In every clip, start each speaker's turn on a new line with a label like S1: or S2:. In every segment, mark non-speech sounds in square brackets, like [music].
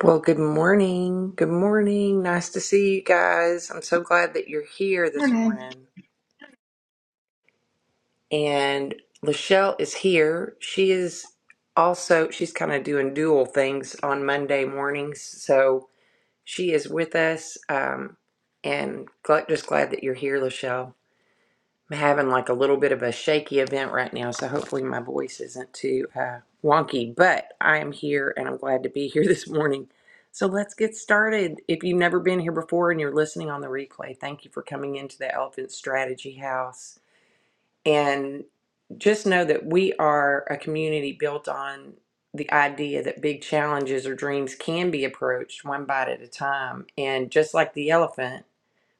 S1: Well, good morning. Good morning. Nice to see you guys. I'm so glad that you're here this
S2: Morning.
S1: morning. And Lachelle is here. She is also, she's kind of doing dual things on Monday mornings. So she is with us. Um, and gl- just glad that you're here, Lachelle. I'm having like a little bit of a shaky event right now, so hopefully my voice isn't too uh, wonky. But I am here and I'm glad to be here [laughs] this morning. So let's get started. If you've never been here before and you're listening on the replay, thank you for coming into the Elephant Strategy House. And just know that we are a community built on the idea that big challenges or dreams can be approached one bite at a time. And just like the elephant,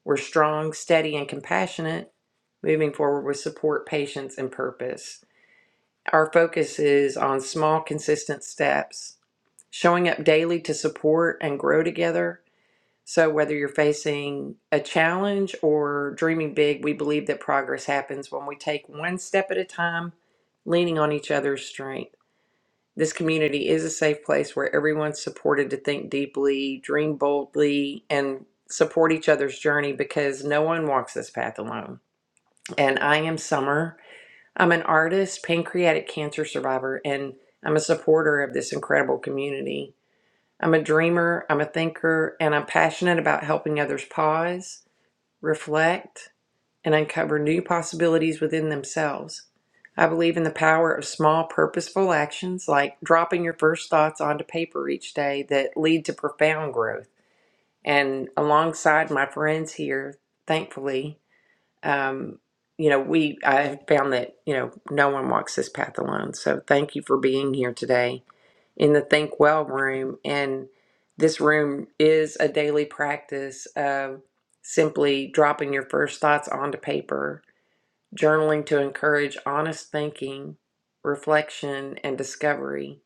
S1: we're strong, steady, and compassionate, moving forward with support, patience, and purpose. Our focus is on small, consistent steps, showing up daily to support and grow together. So, whether you're facing a challenge or dreaming big, we believe that progress happens when we take one step at a time, leaning on each other's strength. This community is a safe place where everyone's supported to think deeply, dream boldly, and support each other's journey because no one walks this path alone. And I am Summer. I'm an artist, pancreatic cancer survivor, and I'm a supporter of this incredible community. I'm a dreamer, I'm a thinker, and I'm passionate about helping others pause, reflect, and uncover new possibilities within themselves. I believe in the power of small, purposeful actions like dropping your first thoughts onto paper each day that lead to profound growth. And alongside my friends here, thankfully, um, you know, we I found that you know no one walks this path alone. So thank you for being here today in the Think Well room. And this room is a daily practice of simply dropping your first thoughts onto paper journaling to encourage honest thinking, reflection, and discovery.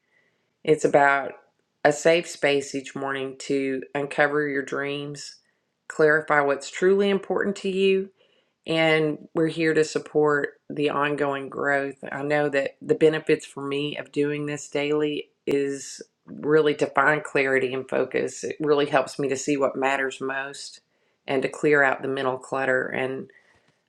S1: It's about a safe space each morning to uncover your dreams, clarify what's truly important to you, and we're here to support the ongoing growth. I know that the benefits for me of doing this daily is really to find clarity and focus. It really helps me to see what matters most and to clear out the mental clutter and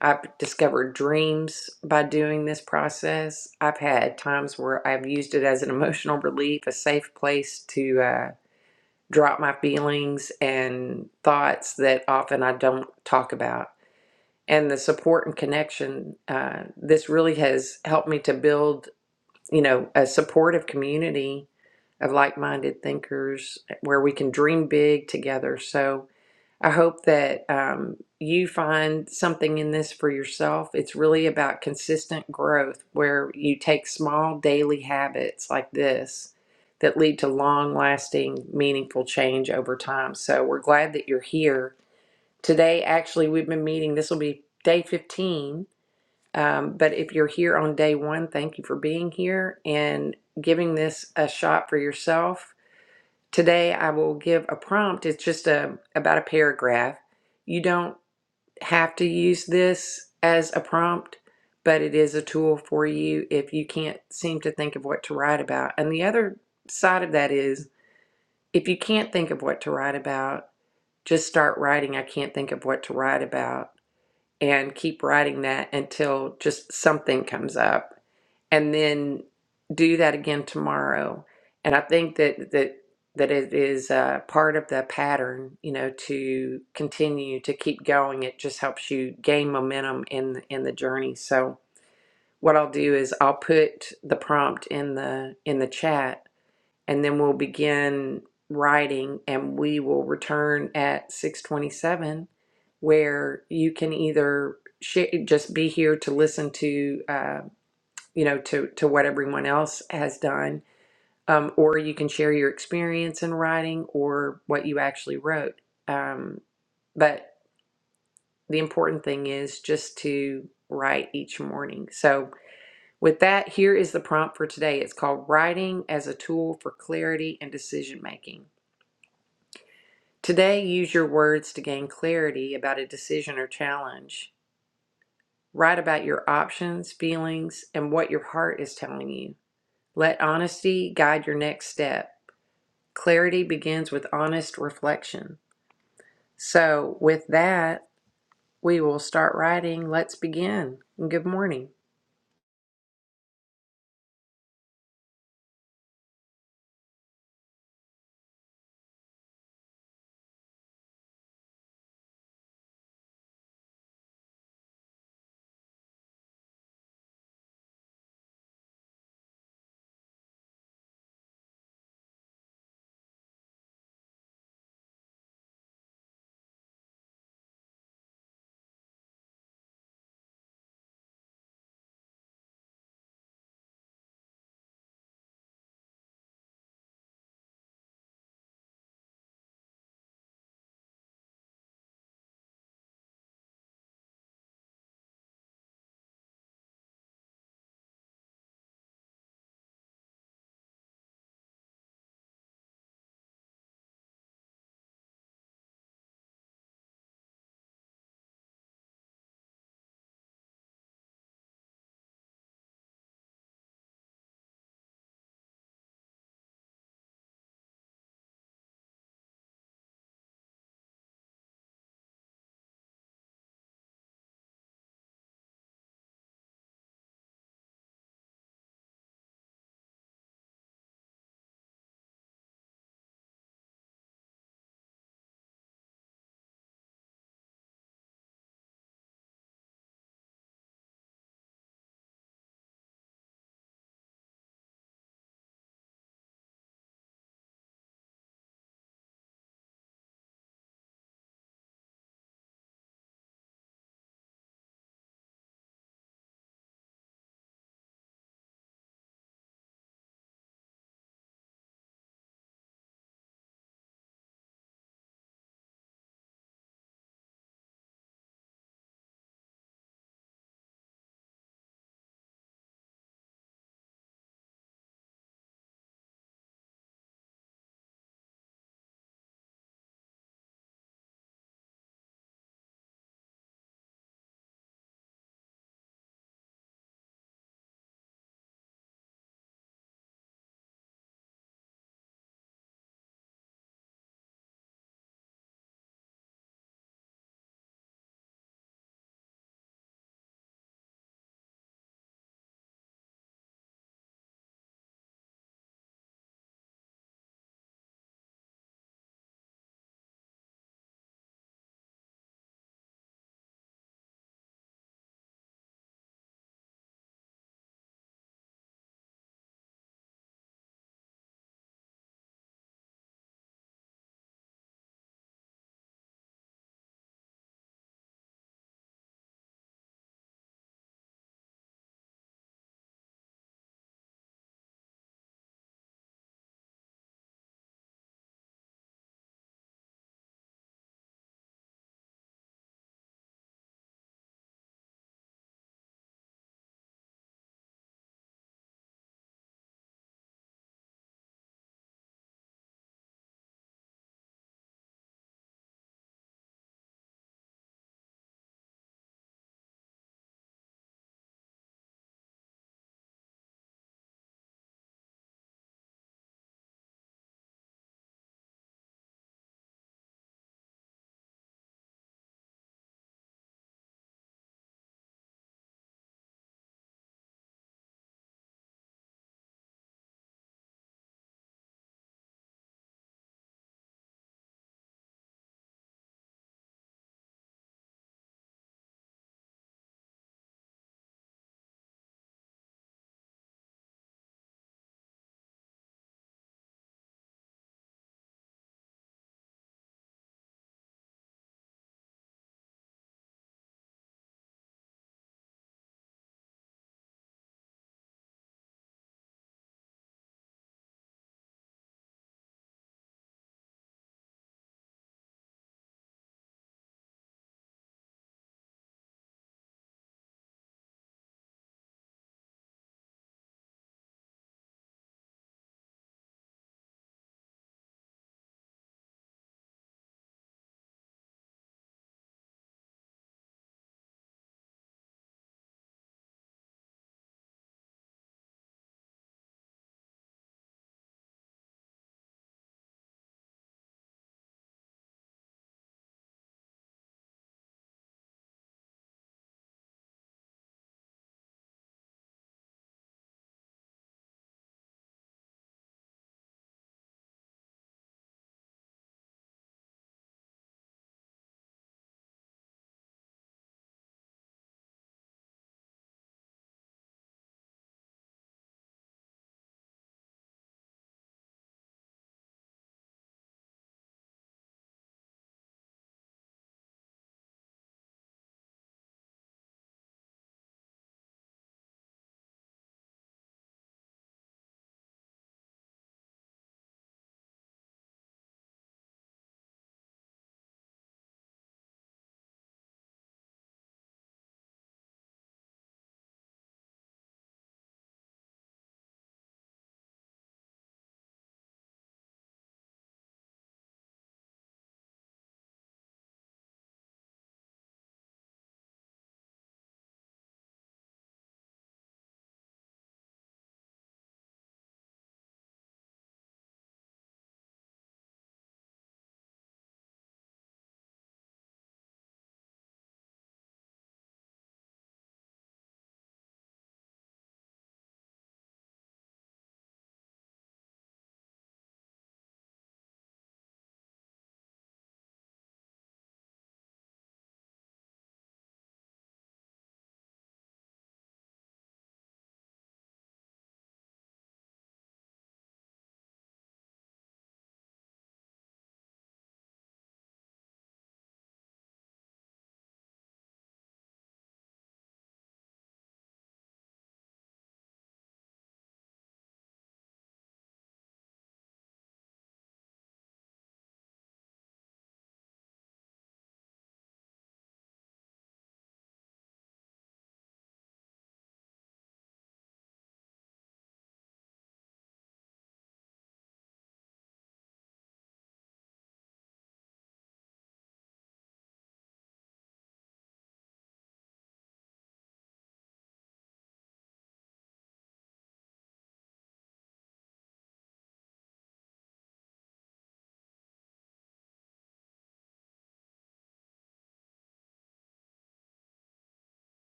S1: I've discovered dreams by doing this process. I've had times where I've used it as an [laughs] emotional relief, a safe place to uh, drop my feelings and thoughts that often I don't talk about. And the support and connection, uh, this really has helped me to build, you know, a supportive community of like minded thinkers where we can dream big together. So, I hope that um, you find something in this for yourself. It's really about consistent growth where you take small daily habits like this that lead to long lasting, meaningful change over time. So we're glad that you're here. Today, actually, we've been meeting, this will be day 15. Um, but if you're here on day one, thank you for being here and giving this a shot for yourself Today I will give a prompt. It's just a about a paragraph. You don't have to use this as a prompt, but it is a tool for you if you can't seem to think of what to write about. And the other side of that is if you can't think of what to write about, just start writing I can't think of what to write about and keep writing that until just something comes up and then do that again tomorrow. And I think that that that it is uh, part of the pattern, you know, to continue to keep going. It just helps you gain momentum in the- in the journey. So what I'll do is I'll put the prompt in the in the chat, and then we'll begin writing, and we will return at six twenty seven, where you can either sh- just be here to listen to. Uh, you know, to to what everyone else has done, um, or you can share your experience in writing or what you actually wrote. Um, but the important thing is just to write each morning. So, with that, here is the prompt for today. It's called Writing as a Tool for Clarity and Decision Making. Today, use your words to gain clarity about a decision or challenge. Write about your options, feelings, and what your heart is telling you. Let honesty guide your next step. Clarity begins with honest reflection. So, with that, we will start writing. Let's begin. And Good morning.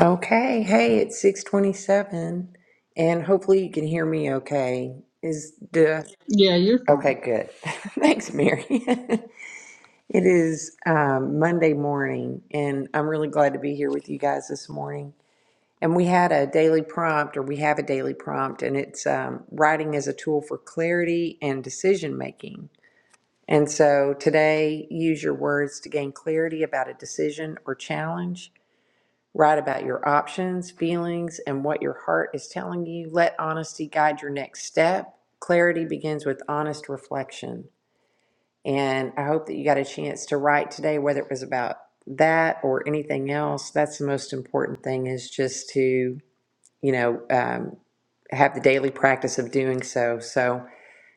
S1: Okay, hey, it's 627 and hopefully you can hear me okay. Is the
S2: Yeah, you're fine.
S1: Okay, good. [laughs] Thanks, Mary. [laughs] It is um, Monday morning and I'm really glad to be here with you guys this morning. And we had a daily prompt, or we have a daily prompt, and it's um, writing as a tool for clarity and decision making. And so today, use your words to gain clarity about a decision or challenge. Write about your options, feelings, and what your heart is telling you. Let honesty guide your next step. Clarity begins with honest reflection. And I hope that you got a chance to write today, whether it was about that or anything else. That's the most important thing is just to, you know, um, have the daily practice of doing so. So,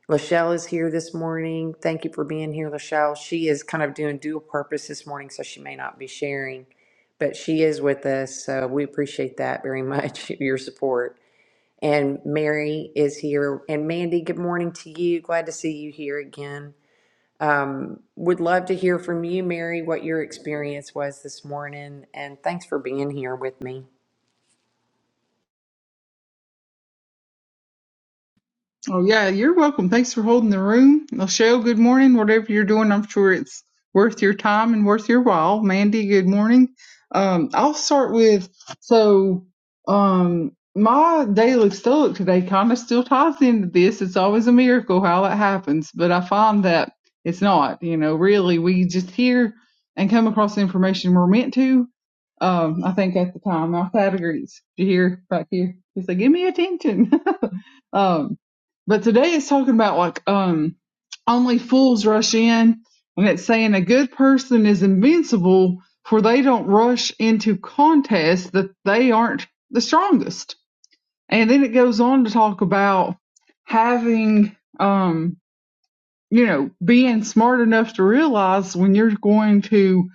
S1: Lachelle is here this morning. Thank you for being here, Lachelle. She is kind of doing dual purpose this morning, so she may not be sharing, but she is with us. So we appreciate that very much, [laughs] your support. And Mary is here. And Mandy, good morning to you. Glad to see you here again. Um, would love to hear from you, Mary, what your experience was this morning. And thanks for being here with me.
S2: Oh yeah, you're welcome. Thanks for holding the room. Michelle, good morning. Whatever you're doing, I'm sure it's worth your time and worth your while. Mandy, good morning. Um, I'll start with so um my daily stoic today kind of still ties into this. It's always a miracle how that happens, but I find that it's not. You know, really, we just hear and come across the information we're meant to. Um, I think at the time, our categories. You hear back here? It's like, give me attention. [laughs] Um, but today it's talking about like um, only fools rush in, and it's saying a good person is invincible, for they don't rush into contests that they aren't the strongest. And then it goes on to talk about having, um, you know, being smart enough to realize when you're going to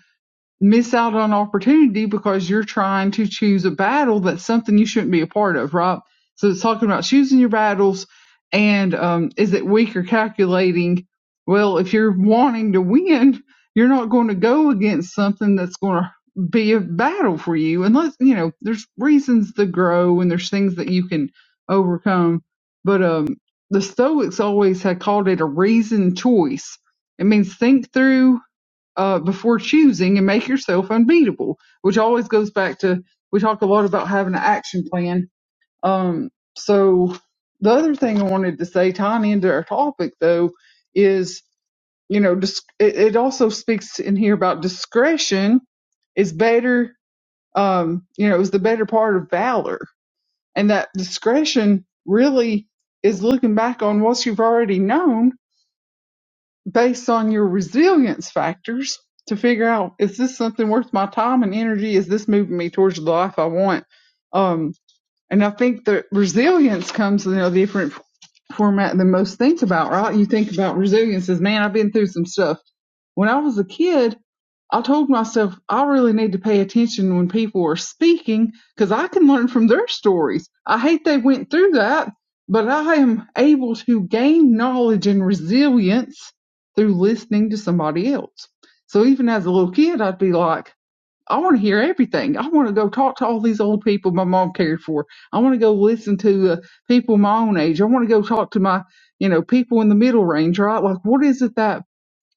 S2: miss out on opportunity because you're trying to choose a battle that's something you shouldn't be a part of, right? So it's talking about choosing your battles and um, is it weak or calculating? Well, if you're wanting to win, you're not going to go against something that's going to be a battle for you unless, you know, there's reasons to grow and there's things that you can overcome. But um, the Stoics always had called it a reasoned choice. It means think through uh, before choosing and make yourself unbeatable, which always goes back to we talk a lot about having an action plan. Um, so the other thing I wanted to say, tying into our topic though, is you know dis- it, it also speaks in here about discretion is better. Um, you know, is the better part of valor, and that discretion really is looking back on what you've already known based on your resilience factors to figure out is this something worth my time and energy? Is this moving me towards the life I want? Um, and I think that resilience comes in a different format than most think about, right? You think about resilience as, man, I've been through some stuff when I was a kid, I told myself I really need to pay attention when people are speaking because I can learn from their stories. I hate they went through that, but I am able to gain knowledge and resilience through listening to somebody else. So even as a little kid, I'd be like, I want to hear everything. I want to go talk to all these old people my mom cared for. I want to go listen to uh, people my own age. I want to go talk to my, you know, people in the middle range, right? Like, what is it that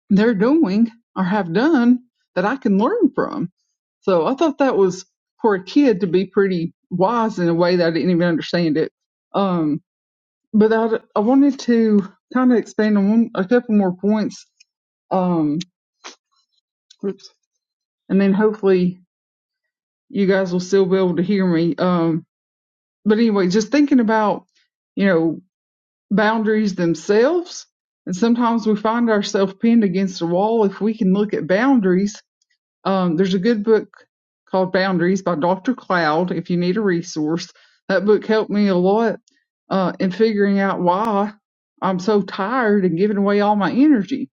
S2: they're doing or have done that I can learn from. So I thought that was for a kid to be pretty wise in a way that I didn't even understand it. Um, but I, I wanted to kind of expand on one, a couple more points. Um, oops, and then hopefully you guys will still be able to hear me. Um, but anyway, just thinking about, you know, boundaries themselves. And sometimes we find ourselves pinned against a wall. If we can look at boundaries Um, there's a good book called Boundaries by Dr. Cloud if you need a resource. That book helped me a lot uh, in figuring out why I'm so tired and giving away all my energy.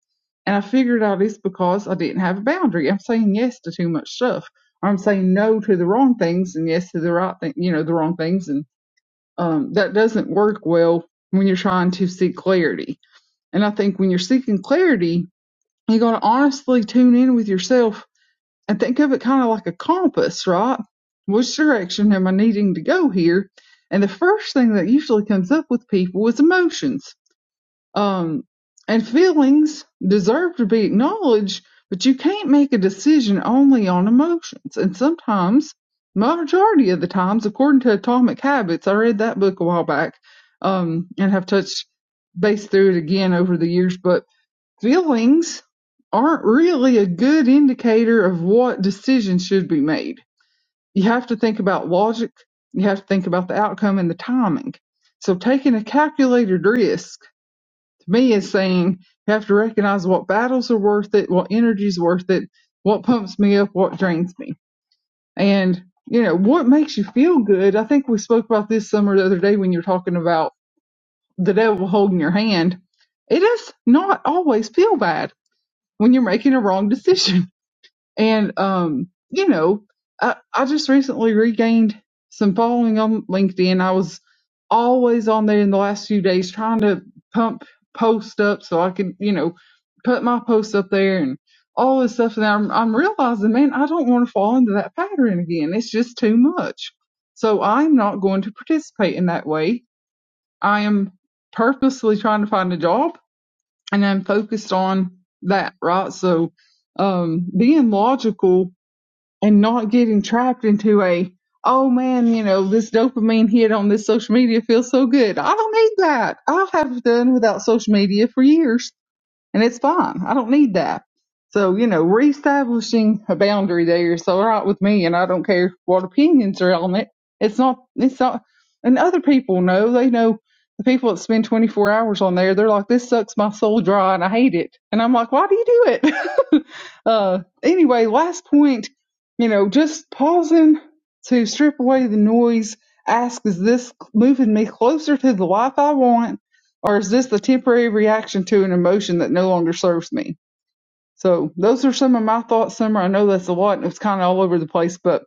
S2: And I figured out it's because I didn't have a boundary. I'm saying yes to too much stuff. I'm saying no to the wrong things and yes to the right thing, you know, the wrong things. And um, that doesn't work well when you're trying to seek clarity. And I think when you're seeking clarity, you got to honestly tune in with yourself and think of it kind of like a compass, right? Which direction am I needing to go here? And the first thing that usually comes up with people is emotions. Um, and feelings deserve to be acknowledged, but you can't make a decision only on emotions. And sometimes, majority of the times, according to Atomic Habits, I read that book a while back, um, and have touched base through it again over the years, but Feelings aren't really a good indicator of what decision should be made. You have to think about logic, you have to think about the outcome and the timing. So taking a calculated risk to me is saying you have to recognize what battles are worth it, what energy's worth it, what pumps me up, what drains me. And you know, what makes you feel good? I think we spoke about this summer the other day when you were talking about the devil holding your hand. It does not always feel bad when you're making a wrong decision. [laughs] And, um, you know, I, I just recently regained some following on LinkedIn. I was always on there in the last few days trying to pump posts up so I could, you know, put my posts up there and all this stuff. And I'm, I'm realizing, man, I don't want to fall into that pattern again. It's just too much. So I'm not going to participate in that way. I am purposely trying to find a job and I'm focused on that, right? So, um, being logical and not getting trapped into a, oh man, you know, this dopamine hit on this social media feels so good. I don't need that. I have done without social media for years and it's fine. I don't need that. So, you know, reestablishing a boundary there is all right with me, and I don't care what opinions are on it. It's not, it's not, and other people know, they know the people that spend 24 hours on there, they're like, this sucks my soul dry and I hate it. And I'm like, why do you do it? [laughs] uh, anyway, last point, you know, just pausing to strip away the noise. Ask, is this moving me closer to the life I want? Or is this the temporary reaction to an emotion that no longer serves me? So those are some of my thoughts, Summer. I know that's a lot and it's kind of all over the place, but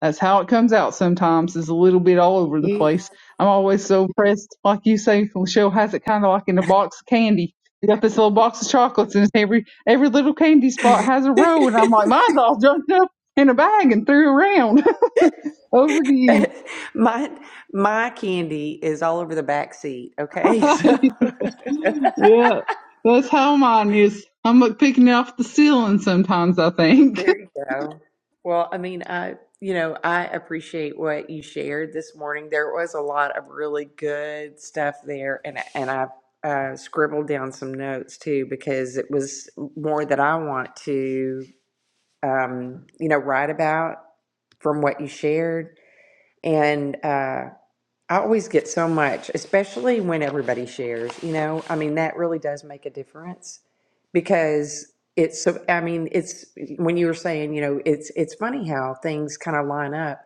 S2: that's how it comes out sometimes is a little bit all over the
S1: You.
S2: place. I'm always so impressed. Like you say, Michelle has it kind of like in a box of candy. You got this little box of chocolates and every, every little candy spot has a
S1: [laughs]
S2: row. And I'm like, mine's all junked up in a bag and threw around. [laughs] over to you.
S1: [laughs] my my candy is all over the back seat. Okay, [laughs] so
S2: [laughs] Yeah, that's how mine is. I'm like picking off the ceiling sometimes, I think.
S1: there you go. Well, I mean, I you know I appreciate what you shared this morning. There was a lot of really good stuff there, and and I uh, scribbled down some notes too because it was more that I want to um, you know write about from what you shared and. uh, I always get so much, especially when everybody shares, you know? I mean, that really does make a difference because it's so, I mean, it's when you were saying, you know, it's it's funny how things kind of line up.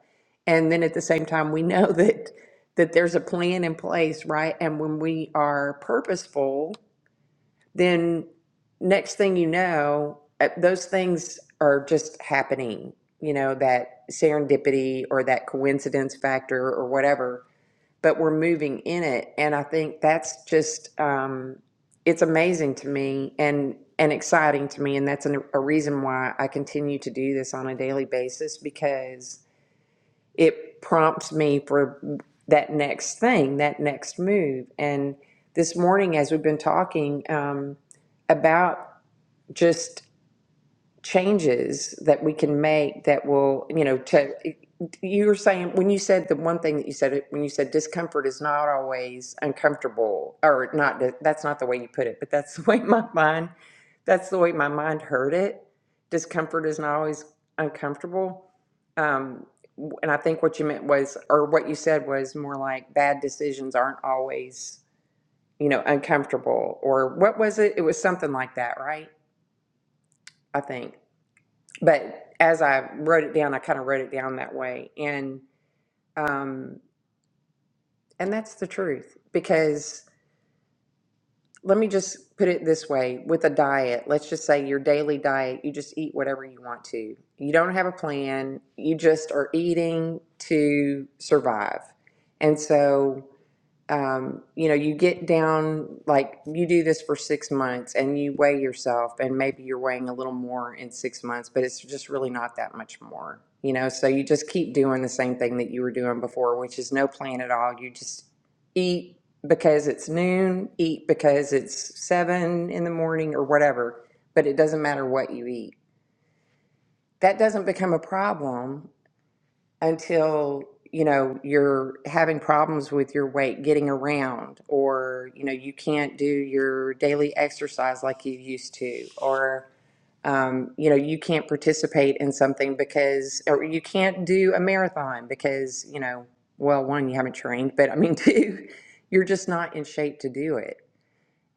S1: And then at the same time, we know [laughs] that that there's a plan in place, right? And when we are purposeful, then next thing you know, uh, those things are just happening, you know, that serendipity or that coincidence factor or whatever but we're moving in it. And I think that's just, um, it's amazing to me and, and exciting to me. And that's an, a reason why I continue to do this on a daily basis because it prompts me for that next thing, that next move. And this morning, as we've been talking um, about just changes that we can make that will, you know, to, you were saying, when you said the one thing that you said, when you said discomfort is not always uncomfortable, or not, that's not the way you put it, but that's [laughs] the way my mind, that's the way my mind heard it. Discomfort is not always uncomfortable. Um, and I think what you meant was, or what you said was more like bad decisions aren't always, you know, uncomfortable, or what was it? It was something like that, right? I think but as I wrote it down, I kind of wrote it down that way, and um, and that's the truth. Because let me just put it this way: with a diet, let's just say your daily diet, you just eat whatever you want to. You don't have a plan. You just are eating to survive, and so. um, you know, you get down, like you do this for six months and you weigh yourself, and maybe you're weighing a little more in six months, but it's just really not that much more, you know. So you just keep doing the same thing that you were doing before, which is no plan at all. You just eat because it's noon, eat because it's seven in the morning or whatever, but it doesn't matter what you eat. That doesn't become a problem until you know you're having problems with your weight getting around or you know you can't do your daily exercise like you used to or um, you know you can't participate in something because or you can't do a marathon because you know well one you haven't trained but i mean [laughs] two you're just not in shape to do it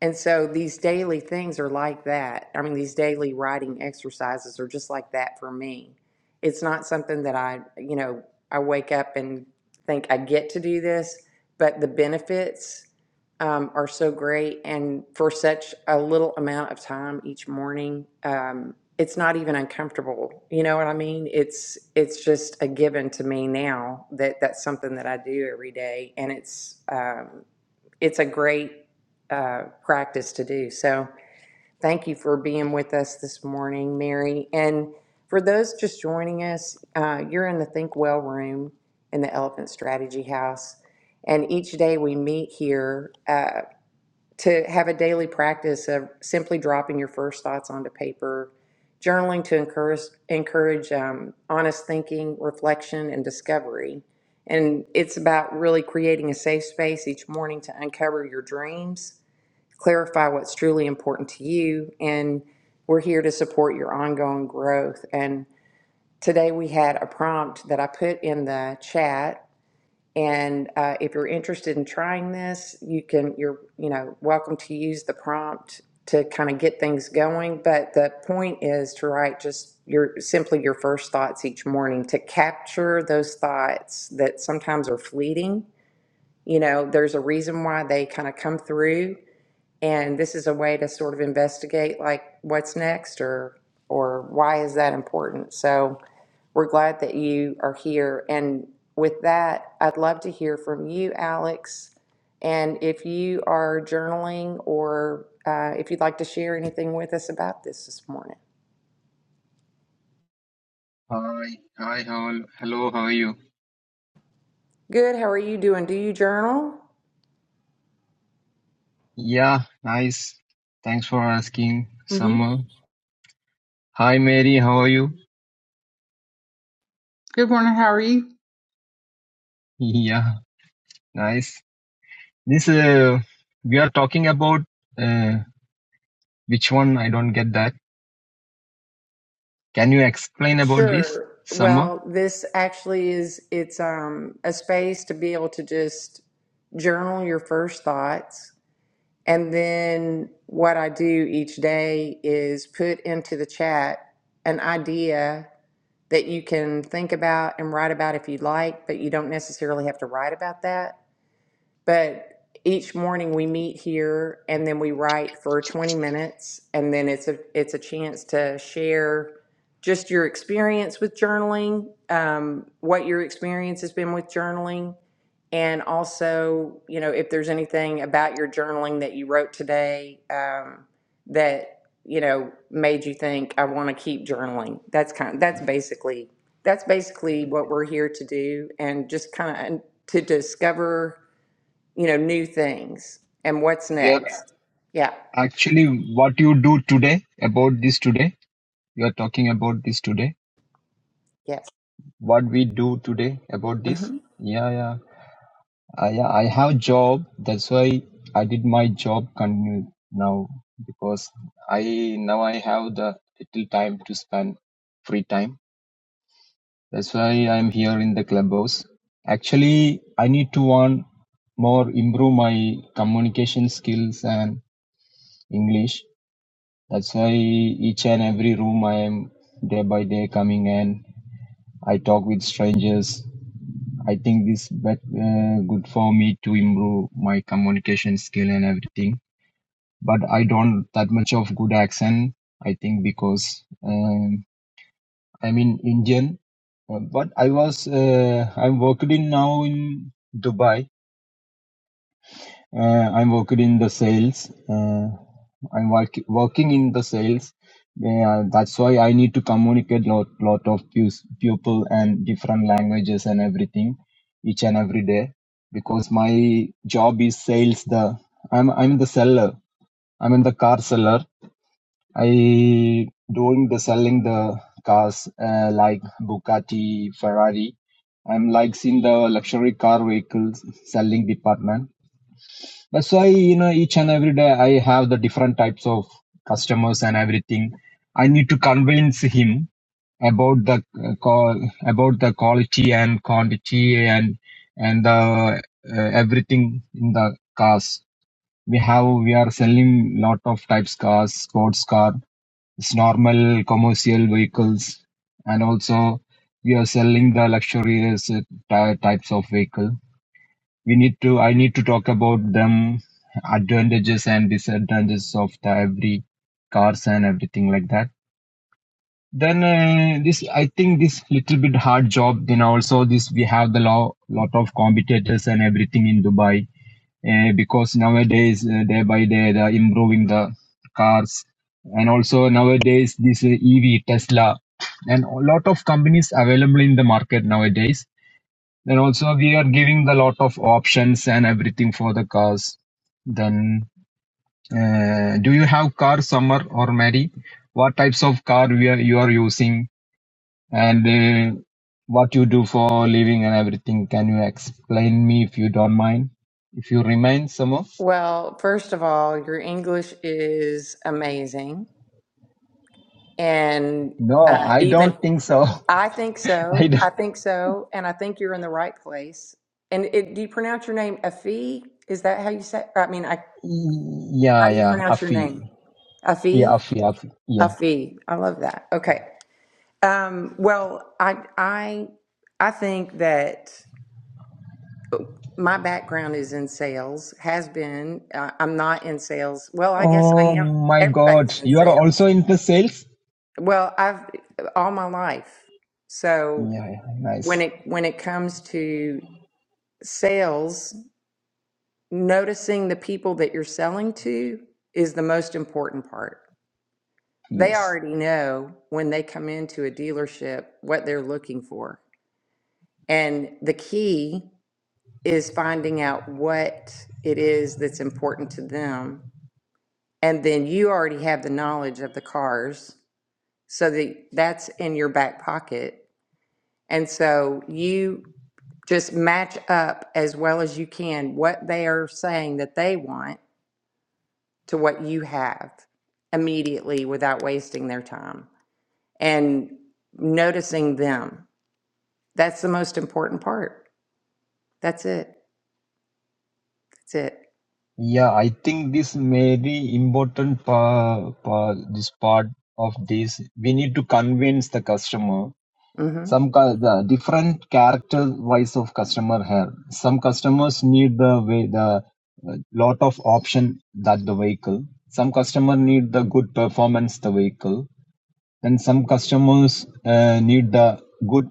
S1: and so these daily things are like that. I mean, these daily writing exercises are just like that for me. It's not something that I, you know, I wake up and think I get to do this, but the benefits um, are so great. And for such a little amount of time each morning, um, it's not even uncomfortable. You know what I mean? It's it's just a given to me now that that's something that I do every day, and it's um, it's a great uh, practice to do. So thank you for being with us this morning, Mary. And for those just joining us, uh, you're in the Think Well room in the Elephant Strategy House. And each day we meet here uh, to have a daily practice of simply dropping your first thoughts onto paper, journaling to encourage, encourage um, honest thinking, reflection, and discovery. And it's about really creating a safe space each morning to uncover your dreams clarify what's truly important to you, and we're here to support your ongoing growth. And today we had a prompt that I put in the chat, and uh, if you're interested in trying this, you can. You're you know welcome to use the prompt to kind of get things going. But the point is to write just your simply your first thoughts each morning to capture those thoughts that sometimes are fleeting. You know, there's a reason why they kind of come through and this is a way to sort of investigate like what's next or or why is that important. So we're glad that you are here. And with that, I'd love to hear from you, Alex. And if you are journaling or uh, if you'd like to share anything with us about this this morning.
S3: Hi, hi, how, hello, how are you?
S1: Good. How are you doing? Do you journal?
S3: Yeah, nice. Thanks for asking,
S1: mm hmm
S3: Summer. Hi, Mary, how are you?
S2: [laughs] Good morning, how are you?
S3: [laughs] Yeah, nice. This, uh, we are talking about uh, which one? I don't get that. Can you explain about this,
S1: Sure.
S3: Summer?
S1: Well, this actually is it's um, a space to be able to just journal your first thoughts And then what I do each day is put into the chat an idea that you can think about and write about if you'd like, but you don't necessarily have to write about that. But each morning we meet here and then we write for 20 minutes and then it's a it's a chance to share just your experience with journaling, um, what your experience has been with journaling, and also, you know, if there's anything about your journaling that you wrote today um, that you know made you think I want to keep journaling. That's kind. that's basically that's basically what we're here to do, and just kind of to discover you know, new things and what's
S3: Yeah,
S1: next. Yeah,
S3: actually, what you do today about this today? You are talking about this today.
S1: yes.
S3: What we do today about this?
S1: hmm
S3: Yeah, yeah. Uh, Yeah, I have job. That's why I did my job continue now because I now I have the little time to spend free time. That's why I'm here in the clubhouse. Actually, I need to want more improve my communication skills and English. That's why each and every room I am day by day coming and I talk with strangers I think this bet uh, good for me to improve my communication skill and everything. But I don't that much of good accent. I think because um, I'm in Indian, uh, but I was uh, I'm working now in Dubai. Uh, I'm working in the sales. Uh, I'm work, working in the sales. Yeah, that's why I need to communicate lot lot of pus- people and different languages and everything each and every day because my job is sales. The I'm I'm the seller. I'm in the car seller. I doing the selling the cars uh, like Bugatti, Ferrari. I'm like in the luxury car vehicles selling department but so I, you know, each and every day I have the different types of customers and everything. I need to convince him about the uh, call, about the quality and quantity and and the uh, everything in the cars. We have we are selling lot of types cars, sports car, it's normal commercial vehicles, and also we are selling the luxurious uh, ty- types of vehicle we need to i need to talk about them advantages and disadvantages of the every cars and everything like that then uh, this i think this little bit hard job then also this we have the law lot of competitors and everything in dubai uh, because nowadays uh, day by day they are improving the cars and also nowadays this uh, ev tesla and a lot of companies available in the market nowadays then also we are giving the lot of options and everything for the cars. Then uh, do you have car Samar or Mary? What types of car we are, you are using and uh, what you do for living and everything? Can you explain me if you don't mind? If you remain Summer?
S1: Well, first of all, your English is amazing. And
S3: No,
S1: uh,
S3: I
S1: even,
S3: don't think so.
S1: I think
S3: [laughs] I
S1: so.
S3: don't.
S1: I think so. And I think you're in the right place. And it, do you pronounce your name Afi? Is that how you say? I mean, I, how
S3: Yeah,
S1: do you
S3: yeah,
S1: pronounce your
S3: Afi.
S1: name?
S3: Yeah,
S1: Afi?
S3: Afi, Afi. Yeah.
S1: Afi. I love that. Okay. Um, well, I, I, I think that. my background is in sales, has been. Uh, I'm not in sales. Well, I guess I
S3: Oh
S1: am.
S3: my God,
S1: Everybody's in
S3: you are
S1: sales.
S3: also into sales?
S1: Well, I've all my life. So
S3: Yeah, yeah, nice.
S1: when it when it comes to sales, noticing the people that you're selling to is the most important part. They
S3: Yes.
S1: already know when they come into a dealership what they're looking for. And the key is finding out what it is that's important to them and then you already have the knowledge of the cars so that that's in your back pocket and so you just match up as well as you can what they are saying that they want to what you have immediately without wasting their time and noticing them that's the most important part that's it that's it
S3: Yeah, I think this very important pa pa this part of this. We need to convince the customer.
S1: hmm
S3: Some cu- the different character wise of customer have. Some customers need the way the uh, lot of option that the vehicle. Some customer need the good performance the vehicle. Then some customers uh, need the good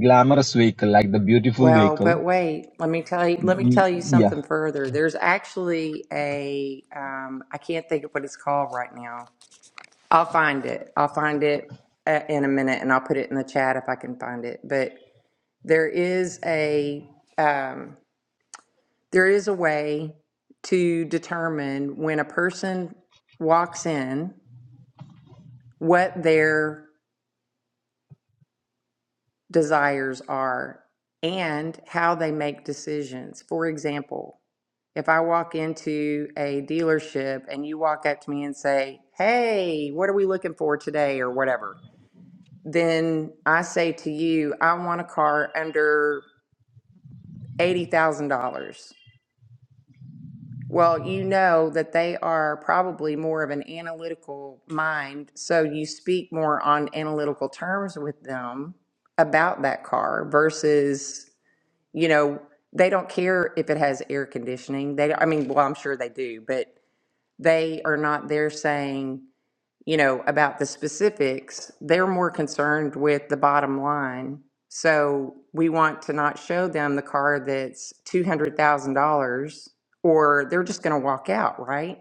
S3: glamorous vehicle like the beautiful
S1: Well,
S3: vehicle.
S1: but wait, let me tell you, let me
S3: Y-
S1: tell you
S3: Yeah.
S1: something further. There's actually a, um, I can't think of what it's called right now. I'll find it. I'll find it uh, in a minute and I'll put it in the chat if I can find it. But there is a, um, there is a way to determine when a person walks in what their desires are and how they make decisions. For example, If I walk into a dealership and you walk up to me and say, Hey, what are we looking for today or whatever? Then I say to you, I want a car under $80,000. Well, you know that they are probably more of an analytical mind. So you speak more on analytical terms with them about that car versus, you know, they don't care if it has air conditioning. They, I mean, well, I'm sure they do, but they are not there saying, you know, about the specifics. They're more concerned with the bottom line. So we want to not show them the car that's $200,000 or they're just going to walk out, right?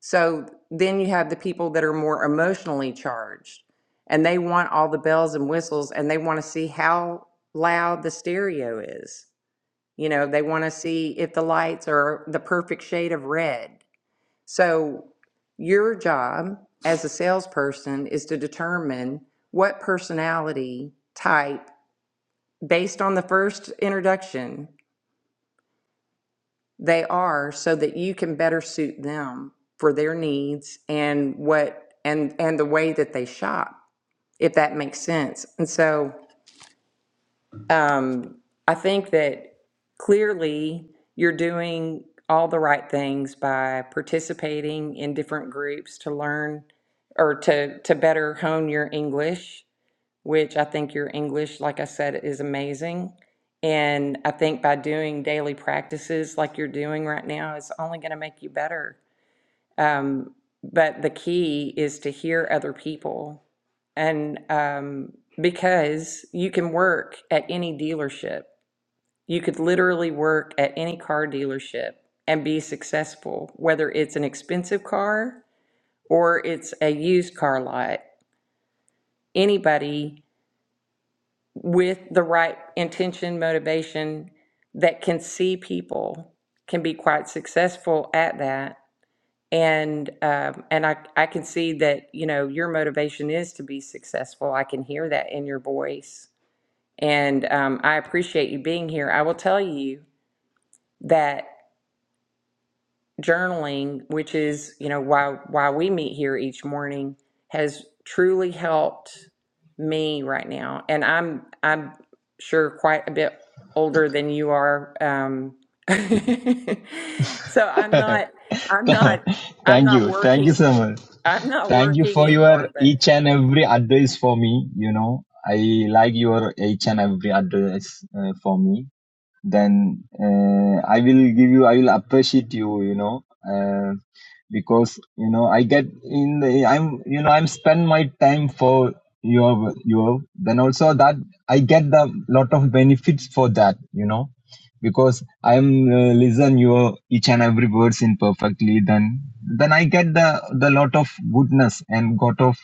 S1: So then you have the people that are more emotionally charged and they want all the bells and whistles and they want to see how loud the stereo is. You know, they want to see if the lights are the perfect shade of red. So your job as a salesperson is to determine what personality type, based on the first introduction, they are so that you can better suit them for their needs and what and and the way that they shop, if that makes sense. And so um, I think that clearly you're doing all the right things by participating in different groups to learn or to to better hone your English, which I think your English, like I said, is amazing. And I think by doing daily practices like you're doing right now is only going to make you better. Um, but the key is to hear other people and um, because you can work at any dealership you could literally work at any car dealership and be successful, whether it's an expensive car or it's a used car lot. Anybody with the right intention, motivation that can see people can be quite successful at that. And um, and I, I can see that you know your motivation is to be successful. I can hear that in your voice, and um, I appreciate you being here. I will tell you that journaling, which is, you know, why why we meet here each morning, has truly helped me right now. And I'm I'm sure quite a bit older than you are. Um, [laughs] so I'm
S3: [laughs]
S1: not I'm not
S3: [laughs]
S1: I'm
S3: Thank
S1: not
S3: you. Thank you,
S1: working
S3: so much.
S1: I'm not
S3: Thank you
S1: working
S3: for your
S1: anymore, but
S3: each and every advice for me. You know, I like your each and every advice uh, for me then uh, I will give you, I will appreciate you, you know, uh, because you know I get in the, I'm you know I'm spend my time for your your then also that I get the lot of benefits for that, you know, because I'm uh, listen your each and every words in perfectly, then then I get the the lot of goodness and got of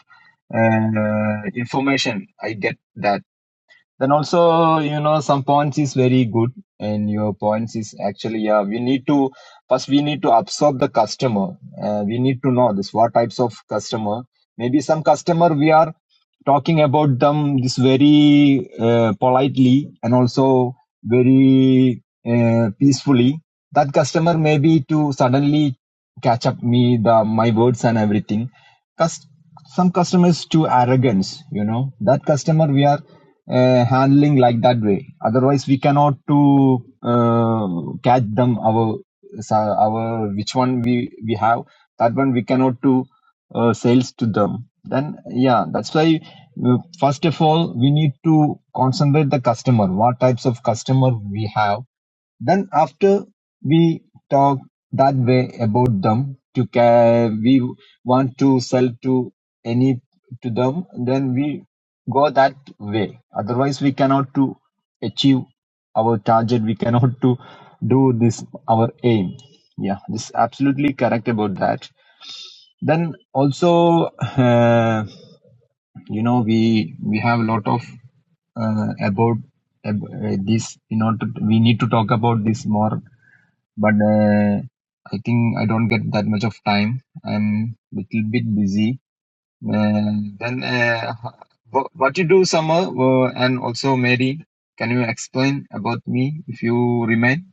S3: uh, information I get that then also, you know, some points is very good, and your points is actually yeah. We need to first we need to absorb the customer. Uh, we need to know this what types of customer. Maybe some customer we are talking about them this very uh, politely and also very uh, peacefully. That customer maybe to suddenly catch up me the my words and everything. Cus- some customers too arrogance, you know. That customer we are uh, handling like that way otherwise we cannot to uh, catch them our our which one we we have that one we cannot to uh, sales to them then yeah that's why uh, first of all we need to concentrate the customer what types of customer we have then after we talk that way about them to ca- we want to sell to any to them, then we go that way. Otherwise, we cannot to achieve our target. We cannot to do this our aim. Yeah, this is absolutely correct about that. Then also, uh, you know, we we have a lot of uh, about ab- uh, this. You know, to, we need to talk about this more but uh, I think I don't get that much of time. I'm little bit busy. Uh, then uh, wha- what you do, Summer, uh, and also Mary, can you explain about me if you remain?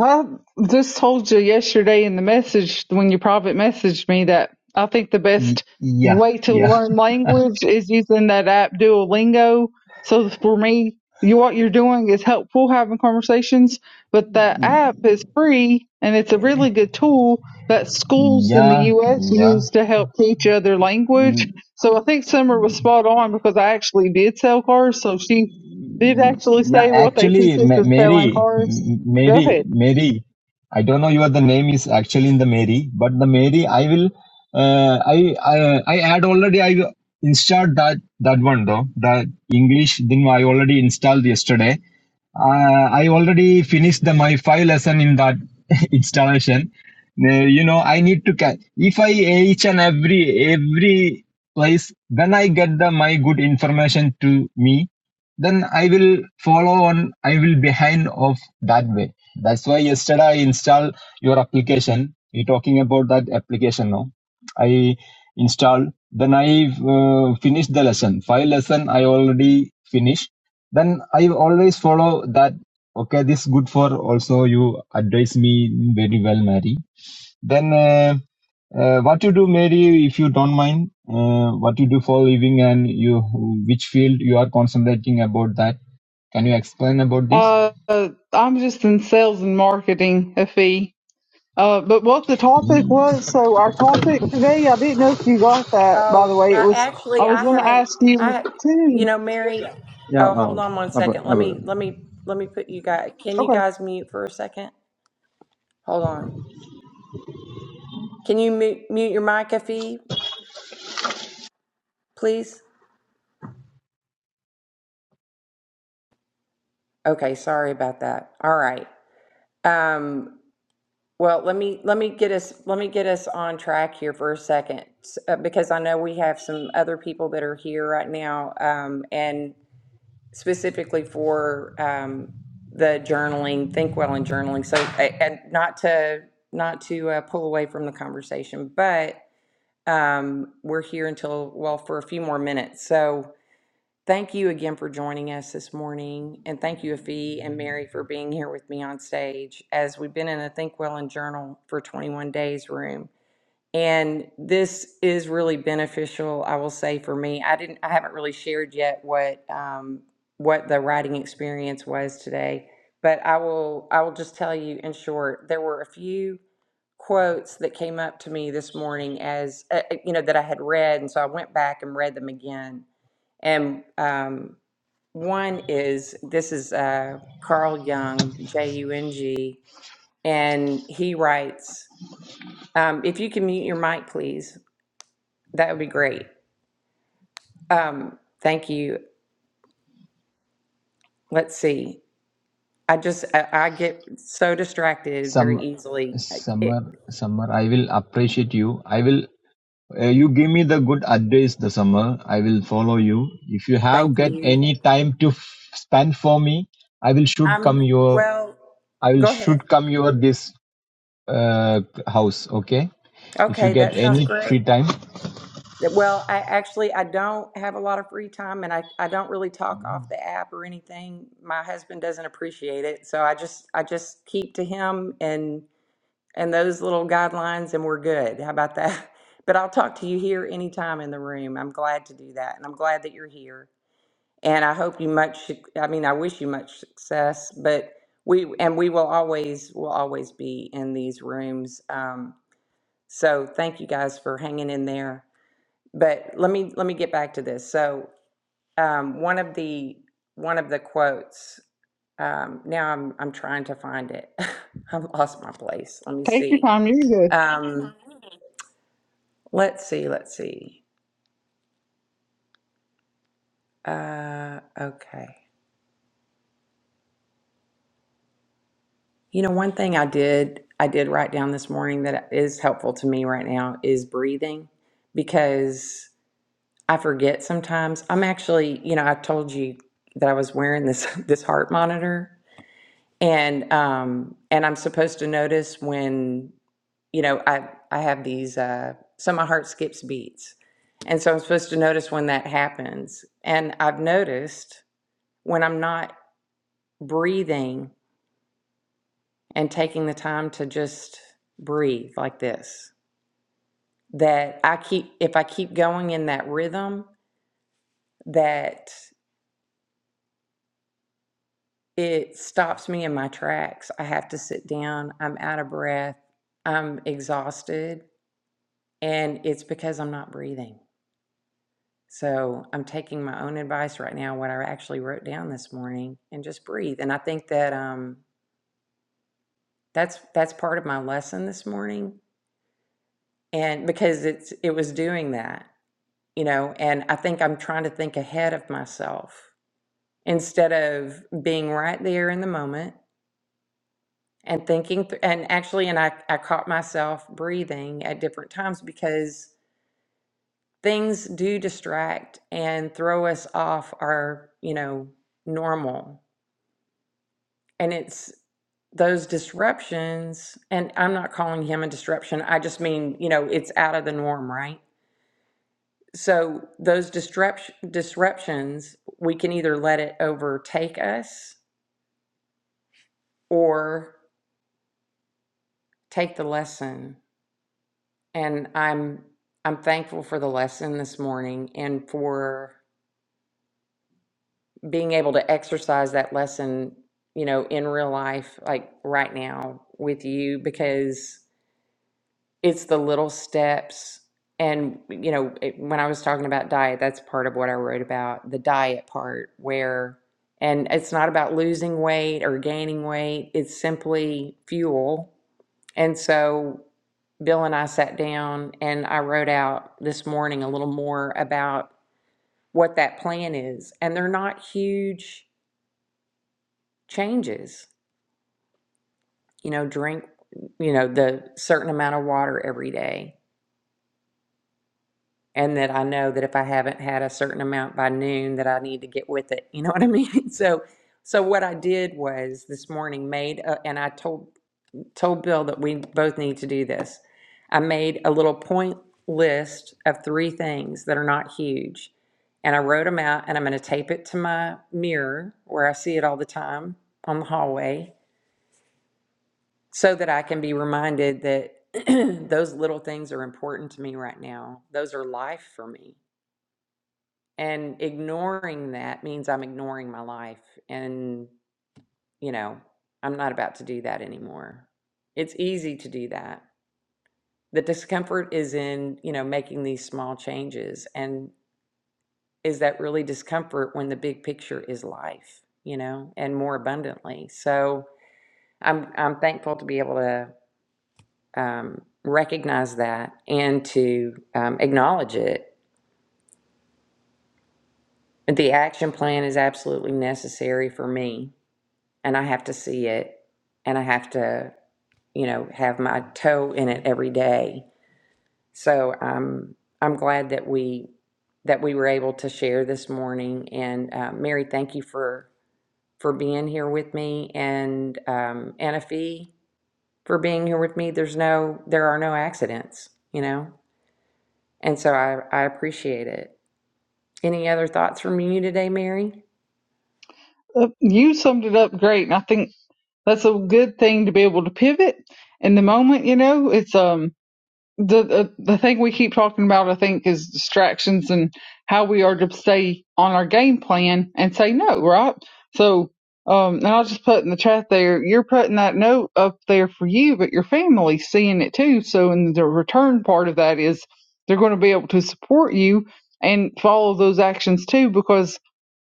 S2: I just told you yesterday in the message when you private messaged me that I think the
S3: Y-
S2: best
S3: yeah,
S2: way to
S3: yeah,
S2: learn language is using that app Duolingo. So for me, you what you're doing is helpful having conversations, but that
S3: y-
S2: app is free and it's a really good tool that schools in the
S3: yeah,
S2: US
S3: yeah.
S2: use to help teach other language.
S3: Mm,
S2: So I think Summer was spot on because I actually did sell cars, so she did actually
S3: Yeah,
S2: say what they
S3: actually,
S2: teach us
S3: Ma-
S2: is
S3: Mary,
S2: selling cars.
S3: M-
S2: Go
S3: Mary,
S2: ahead.
S3: Mary. I don't know your the name is actually in the Mary, but the Mary I will. Uh, I I I had already I installed that that one though the English thing I already installed yesterday. Uh, I already finished the my five lesson in that [laughs] installation. Uh, you know I need to ca- if I each and every every place when I get the my good information to me then I will follow on. I will behind of that way. That's why yesterday I install your application. You're talking about that application now. I installed. Then I uh, finished the lesson. Five lesson I already finished. Then I always follow that. Okay, this is good for also you advise me very well, Mary then, uh, uh, what you do, Mary, if you don't mind, uh, what you do for a living and you, which field you are concentrating about that? Can you explain about this?
S2: Uh, I'm just in sales and marketing, a fee. Uh, but what the topic was, so our topic today, I didn't know if you got that, by the
S1: oh,
S2: way. It
S1: I,
S2: was, I
S1: actually
S2: was
S1: I
S2: going to
S1: haven't
S2: ask you
S1: I you
S2: too.
S1: know, Mary, oh, hold on one second. Let me let me let me put you guys. Can you
S2: Okay.
S1: guys mute for a second? Hold on. Can you mute, mute your mic, Effie, please? Okay, sorry about that. All right. Um, well, let me let me get us let me get us on track here for a second s- uh, because I know we have some other people that are here right now, um, and specifically for um, the journaling, think well and journaling. So, a- and not to not to uh, pull away from the conversation, but um, we're here until well for a few more minutes. So Thank you again for joining us this morning. And thank you, Afi and Mary, for being here with me on stage as we've been in a Think Well and Journal for 21 Days room. And this is really beneficial, I will say, for me. I didn't, I haven't really shared yet what um, what the writing experience was today, but I will, I will just tell you in short, there were a few quotes that came up to me this morning as uh, uh, you know that I had read, and so I went back and read them again. And um, one is this is uh, Carl Jung, J U N G, and he writes um, If you can mute your mic, please, that would be great. Um, thank you. Let's see. I just, I, I get so distracted very
S3: Some,
S1: easily. I- It,
S3: summer, summer. I will appreciate you. I will. Uh, you give me the good advice, the summer. I will follow you. If you
S1: thank
S3: have get
S1: you.
S3: any time to f- spend for me, I will should
S1: Um.
S3: come your.
S1: well,
S3: I will
S1: go ahead.
S3: should come your this uh, house. Okay. If you
S1: Okay,
S3: get
S1: that sounds
S3: any
S1: great.
S3: free time,
S1: That- Well, I actually I don't have a lot of free time and I, I don't really talk off the app or anything. My husband doesn't appreciate it. So I just I just keep to him and and those little guidelines and we're good. How about that? [laughs] But I'll talk to you here anytime in the room. I'm glad to do that and I'm glad that you're here. And I hope you much I mean I wish you much success, but we and we will always will always be in these rooms. Um, so thank you guys for hanging in there but let me let me get back to this. So um, one of the one of the quotes. Um, now I'm I'm trying to find it. [laughs] I've lost my place. Let me
S2: Take your
S1: see.
S2: time. You're good.
S1: Um, let's see. Let's see. Uh, okay. You know, one thing I did I did write down this morning that is helpful to me right now is breathing, because I forget sometimes. I'm actually, you know, I told you that I was wearing this [laughs] this heart monitor and um and i'm supposed to notice when you know i i have these uh so my heart skips beats and so i'm supposed to notice when that happens and i've noticed when i'm not breathing and taking the time to just breathe like this that i keep if i keep going in that rhythm that it stops me in my tracks i have to sit down i'm out of breath i'm exhausted And it's because I'm not breathing. So I'm taking my own advice right now, what I actually wrote down this morning, and just breathe. And I think that um, that's that's part of my lesson this morning, and because it's it was doing that, you know. And I think I'm trying to think ahead of myself instead of being right there in the moment and thinking. Th- and actually, and I I caught myself breathing at different times because things do distract and throw us off our, you know, normal. And it's those disruptions, and I'm not calling him a disruption. I just mean, you know, it's out of the norm, right? So those disruption disruptions, we can either let it overtake us or take the lesson. And I'm I'm thankful for the lesson this morning and for being able to exercise that lesson, you know, in real life, like right now with you, because it's the little steps. And, you know, it, when I was talking about diet, that's part of what I wrote about the diet part, where, and it's not about losing weight or gaining weight, it's simply fuel. And so Bill and I sat down and I wrote out this morning a little more about what that plan is. And they're not huge changes you know, drink, you know, the certain amount of water every day. And that I know that if I haven't had a certain amount by noon, that I need to get with it. You know what I mean? [laughs] So, so what I did was this morning made, a, and I told told Bill that we both need to do this. I made a little point list of three things that are not huge, and I wrote them out. And I'm going to tape it to my mirror where I see it all the time on the hallway so that I can be reminded that [clears throat] those little things are important to me right now. Those are life for me. And ignoring that means I'm ignoring my life. And, you know, I'm not about to do that anymore. It's easy to do that. The discomfort is in, you know, making these small changes. And is that really discomfort when the big picture is life, you know, and more abundantly? So I'm I'm thankful to be able to um, recognize that and to um, acknowledge it. The action plan is absolutely necessary for me, and I have to see it, and I have to, you know, have my toe in it every day. So um, I'm glad that we that we were able to share this morning. And uh, Mary, thank you for for being here with me, and um, Anna for being here with me. There's no, there are no accidents, you know, and so I I appreciate it. Any other thoughts from you today, Mary?
S2: Uh, you summed it up great. And I think that's a good thing to be able to pivot in the moment, you know, it's, um, the, the the thing we keep talking about, I think, is distractions and how we are to stay on our game plan and say no, right? So, um, and I'll just put in the chat there, you're putting that note up there for you, but your family's seeing it too. So, in the return part of that is they're going to be able to support you and follow those actions too, because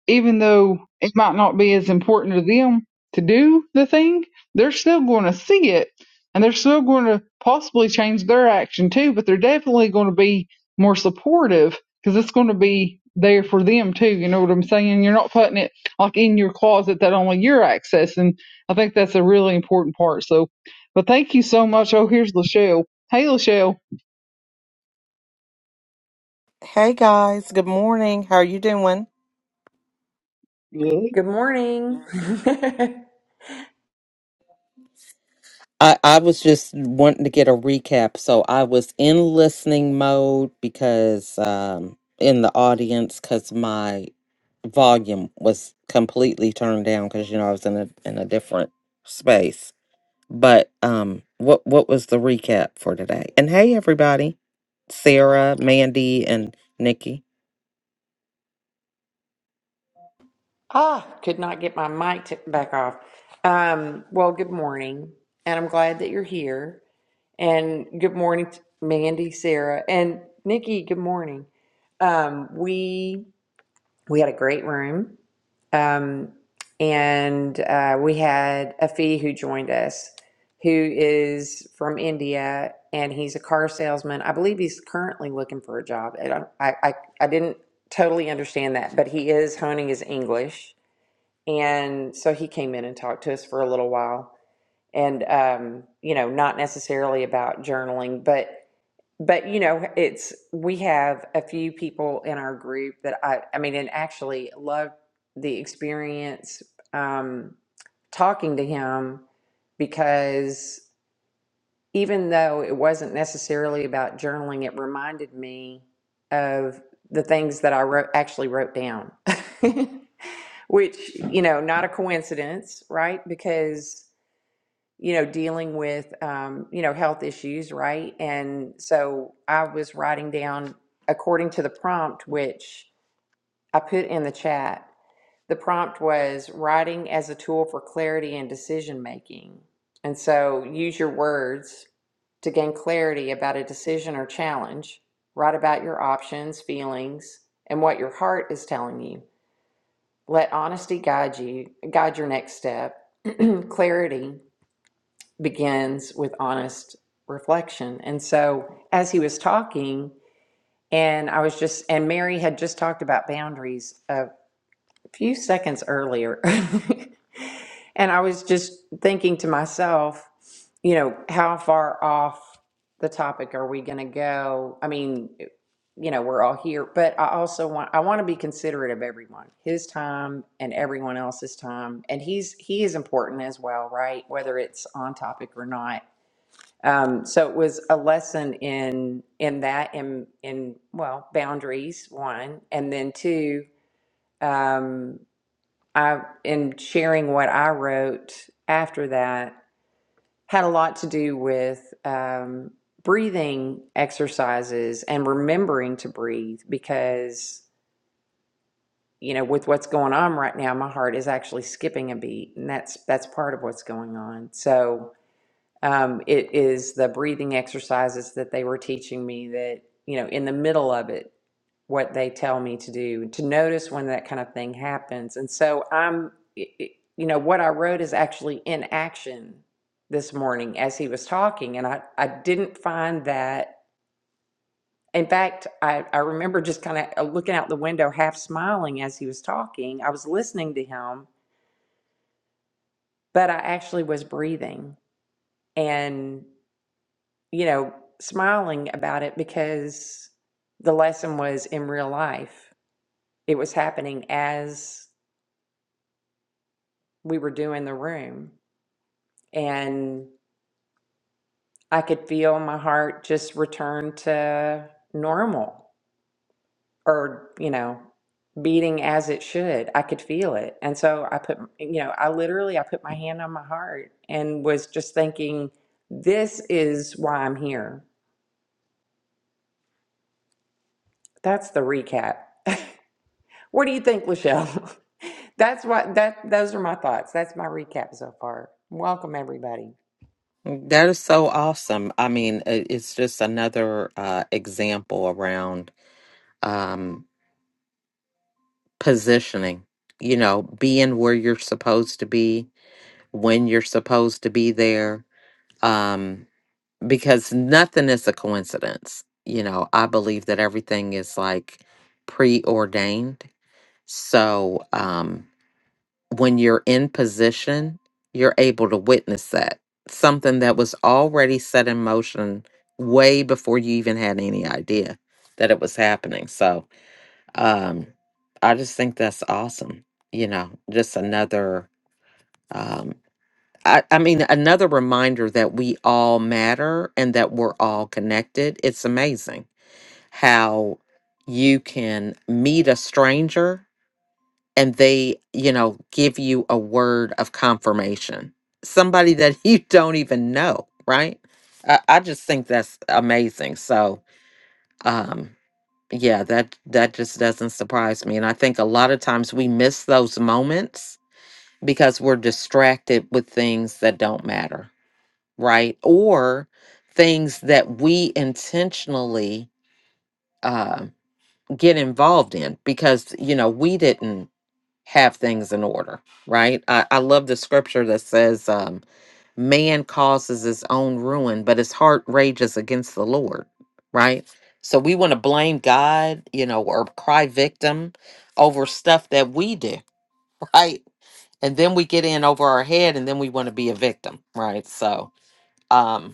S2: even though it might not be as important to them to do the thing, they're still going to see it and they're still going to possibly change their action too, but they're definitely going to be more supportive because it's going to be there for them too. You know what I'm saying? You're not putting it like in your closet that only you're accessing. I think that's a really important part. So, but thank you so much. Oh, here's Lachelle. Hey, Lachelle.
S4: Hey guys, good morning. How are you doing?
S1: Good morning. [laughs]
S4: I, I was just wanting to get a recap. So I was in listening mode because um in the audience because my volume was completely turned down because you know I was in a in a different space. But um, what what was the recap for today? And hey, everybody, Sarah, Mandy, and Nikki.
S1: ah, could not get my mic to back off. Um, well, good morning, and I'm glad that you're here. And good morning, to Mandy, Sarah, and Nikki. Good morning. Um, we We had a great room. Um, and uh, we had a who joined us who is from India and he's a car salesman. I believe he's currently looking for a job. And I, I, I I didn't totally understand that, but he is honing his English. And so he came in and talked to us for a little while. And, um, you know, not necessarily about journaling, but but you know, it's we have a few people in our group that I I mean, and actually loved the experience um, talking to him because even though it wasn't necessarily about journaling, it reminded me of the things that I wrote actually wrote down. [laughs] Which, you know, not a coincidence, right? Because you know, dealing with, um, you know, health issues, right? And so I was writing down, according to the prompt, which I put in the chat, the prompt was writing as a tool for clarity and decision making. And so use your words to gain clarity about a decision or challenge. Write about your options, feelings, and what your heart is telling you. Let honesty guide you, guide your next step. [clears throat] clarity begins with honest reflection. And so, as he was talking, and I was just, and Mary had just talked about boundaries a few seconds earlier. [laughs] and I was just thinking to myself, you know, how far off the topic are we going to go? I mean, you know, we're all here, but I also want, I want to be considerate of everyone, his time and everyone else's time. And he's, he is important as well, right? Whether it's on topic or not um, so it was a lesson in in that in in well boundaries one and then two um, I in sharing what I wrote after that had a lot to do with um, breathing exercises and remembering to breathe because you know with what's going on right now my heart is actually skipping a beat and that's that's part of what's going on so um, it is the breathing exercises that they were teaching me that you know in the middle of it what they tell me to do to notice when that kind of thing happens and so i'm it- it- you know what i wrote is actually in action this morning as he was talking and i i didn't find that in fact i i remember just kind of looking out the window half smiling as he was talking i was listening to him but i actually was breathing and you know, smiling about it because the lesson was in real life. It was happening as we were doing the room. And I could feel my heart just return to normal or, you know, beating as it should. I could feel it. And so I put, you know, I literally I put my hand on my heart and was just thinking this is why I'm here. That's the recap. What do you think, Lachelle? [laughs] That's what that those are my thoughts. That's my recap so far. Welcome everybody.
S4: Mm, That is so awesome. I mean, i- it's just another uh, example around um, positioning. You know, being where you're supposed to be, when you're supposed to be there um because nothing is a coincidence you know i believe that everything is like preordained so um when you're in position you're able to witness that something that was already set in motion way before you even had any idea that it was happening so um i just think that's awesome you know just another um, I, I mean, another reminder that we all matter and that we're all connected. It's amazing how you can meet a stranger and they, you know, give you a word of confirmation. Somebody that [laughs] you don't even know, right? I, I just think that's amazing. So, um, yeah, that that just doesn't surprise me. And I think a lot of times we miss those moments because we're distracted with things that don't matter right? Or things that we intentionally uh, get involved in because, you know, we didn't have things in order, right? I, I love the scripture that says, um, man causes his own ruin, but his heart rages against the Lord, right? So we want to blame God, you know, or cry victim over stuff that we do, [laughs] right? And then we get in over our head and then we want to be a victim, right? So, um,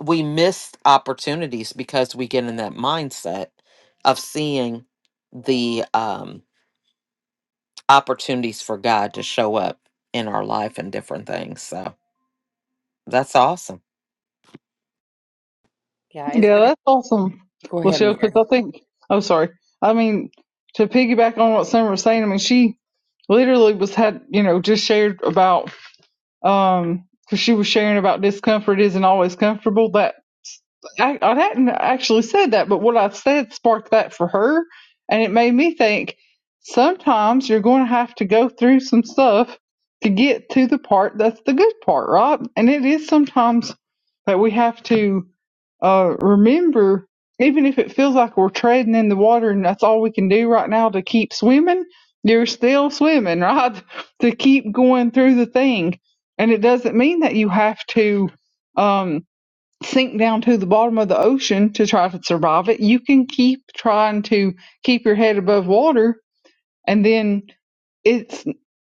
S4: we miss opportunities because we get in that mindset of seeing the um opportunities for God to show up in our life and different things. So that's awesome.
S1: Yeah, it's
S2: Yeah,
S1: been
S2: that's
S1: a-
S2: awesome,
S1: go ahead,
S2: Lucille, because
S1: Mary.
S2: I think, oh, sorry. I mean, to piggyback on what Summer was saying, I mean, she literally was had, you know, just shared about, um, 'cause she was sharing about discomfort isn't always comfortable. That I, I hadn't actually said that, but what I said sparked that for her, and it made me think sometimes you're going to have to go through some stuff to get to the part that's the good part, right? And it is sometimes that we have to uh, remember, even if it feels like we're treading in the water and that's all we can do right now to keep swimming, you're still swimming, right? [laughs] to keep going through the thing. And it doesn't mean that you have to. Um, sink down to the bottom of the ocean to try to survive it. You can keep trying to keep your head above water, and then it's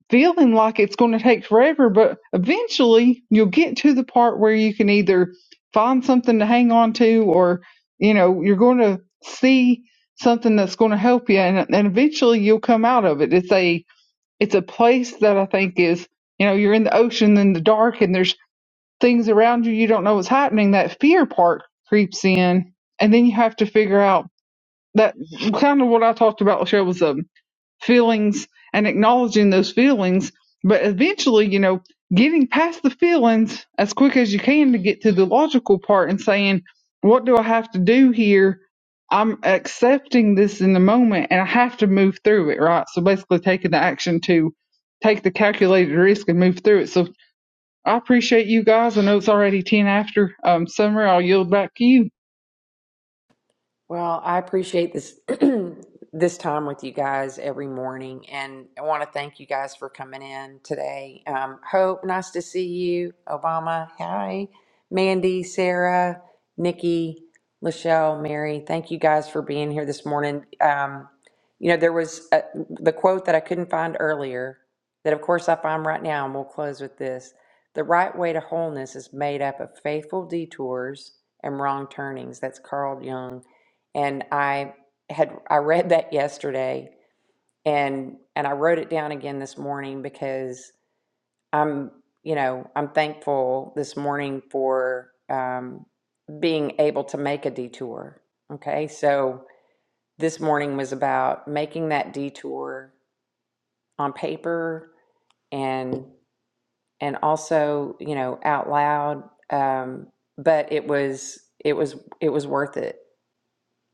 S2: feeling like it's going to take forever, but eventually you'll get to the part where you can either find something to hang on to or, you know, you're going to see something that's going to help you and, and eventually you'll come out of it. It's a, it's a place that I think is, you know, you're in the ocean in the dark and there's things around you you don't know what's happening that fear part creeps in and then you have to figure out that kind of what i talked about Lachelle, was um, feelings and acknowledging those feelings but eventually you know getting past the feelings as quick as you can to get to the logical part and saying what do i have to do here i'm accepting this in the moment and i have to move through it right so basically taking the action to take the calculated risk and move through it so I appreciate you guys. I know it's already 10 after um, summer. I'll yield back to you.
S1: Well, I appreciate this [clears throat] this time with you guys every morning, and I want to thank you guys for coming in today. Um, Hope, nice to see you. Obama, hi. Mandy, Sarah, Nikki, Lachelle, Mary, thank you guys for being here this morning. Um, you know, there was a, the quote that I couldn't find earlier that, of course, I find right now, and we'll close with this. The right way to wholeness is made up of faithful detours and wrong turnings. That's Carl Jung and I had I read that yesterday and and I wrote it down again this morning because I'm you know I'm thankful this morning for um, being able to make a detour. Okay, so this morning was about making that detour on paper and and also you know out loud, um, but it was it was it was worth it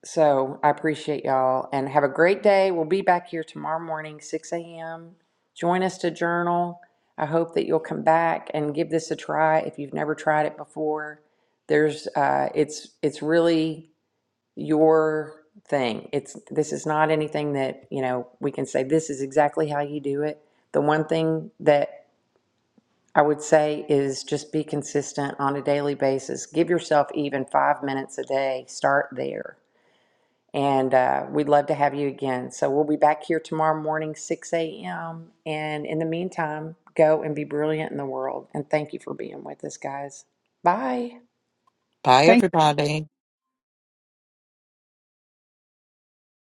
S1: So I appreciate y'all and have a great day. We'll be back here tomorrow morning, 6 a.m. Join us to journal. I hope that you'll come back and give this a try if you've never tried it before. There's, uh, it's, it's really your thing. It's, this is not anything that, you know, we can say this is exactly how you do it. The one thing that I would say is just be consistent on a daily basis. Give yourself even five minutes a day. Start there and uh, we'd love to have you again. So we'll be back here tomorrow morning, 6 a.m. And in the meantime, go and be brilliant in the world. And thank you for being with us, guys. Bye.
S4: Bye
S2: Thank.
S4: everybody.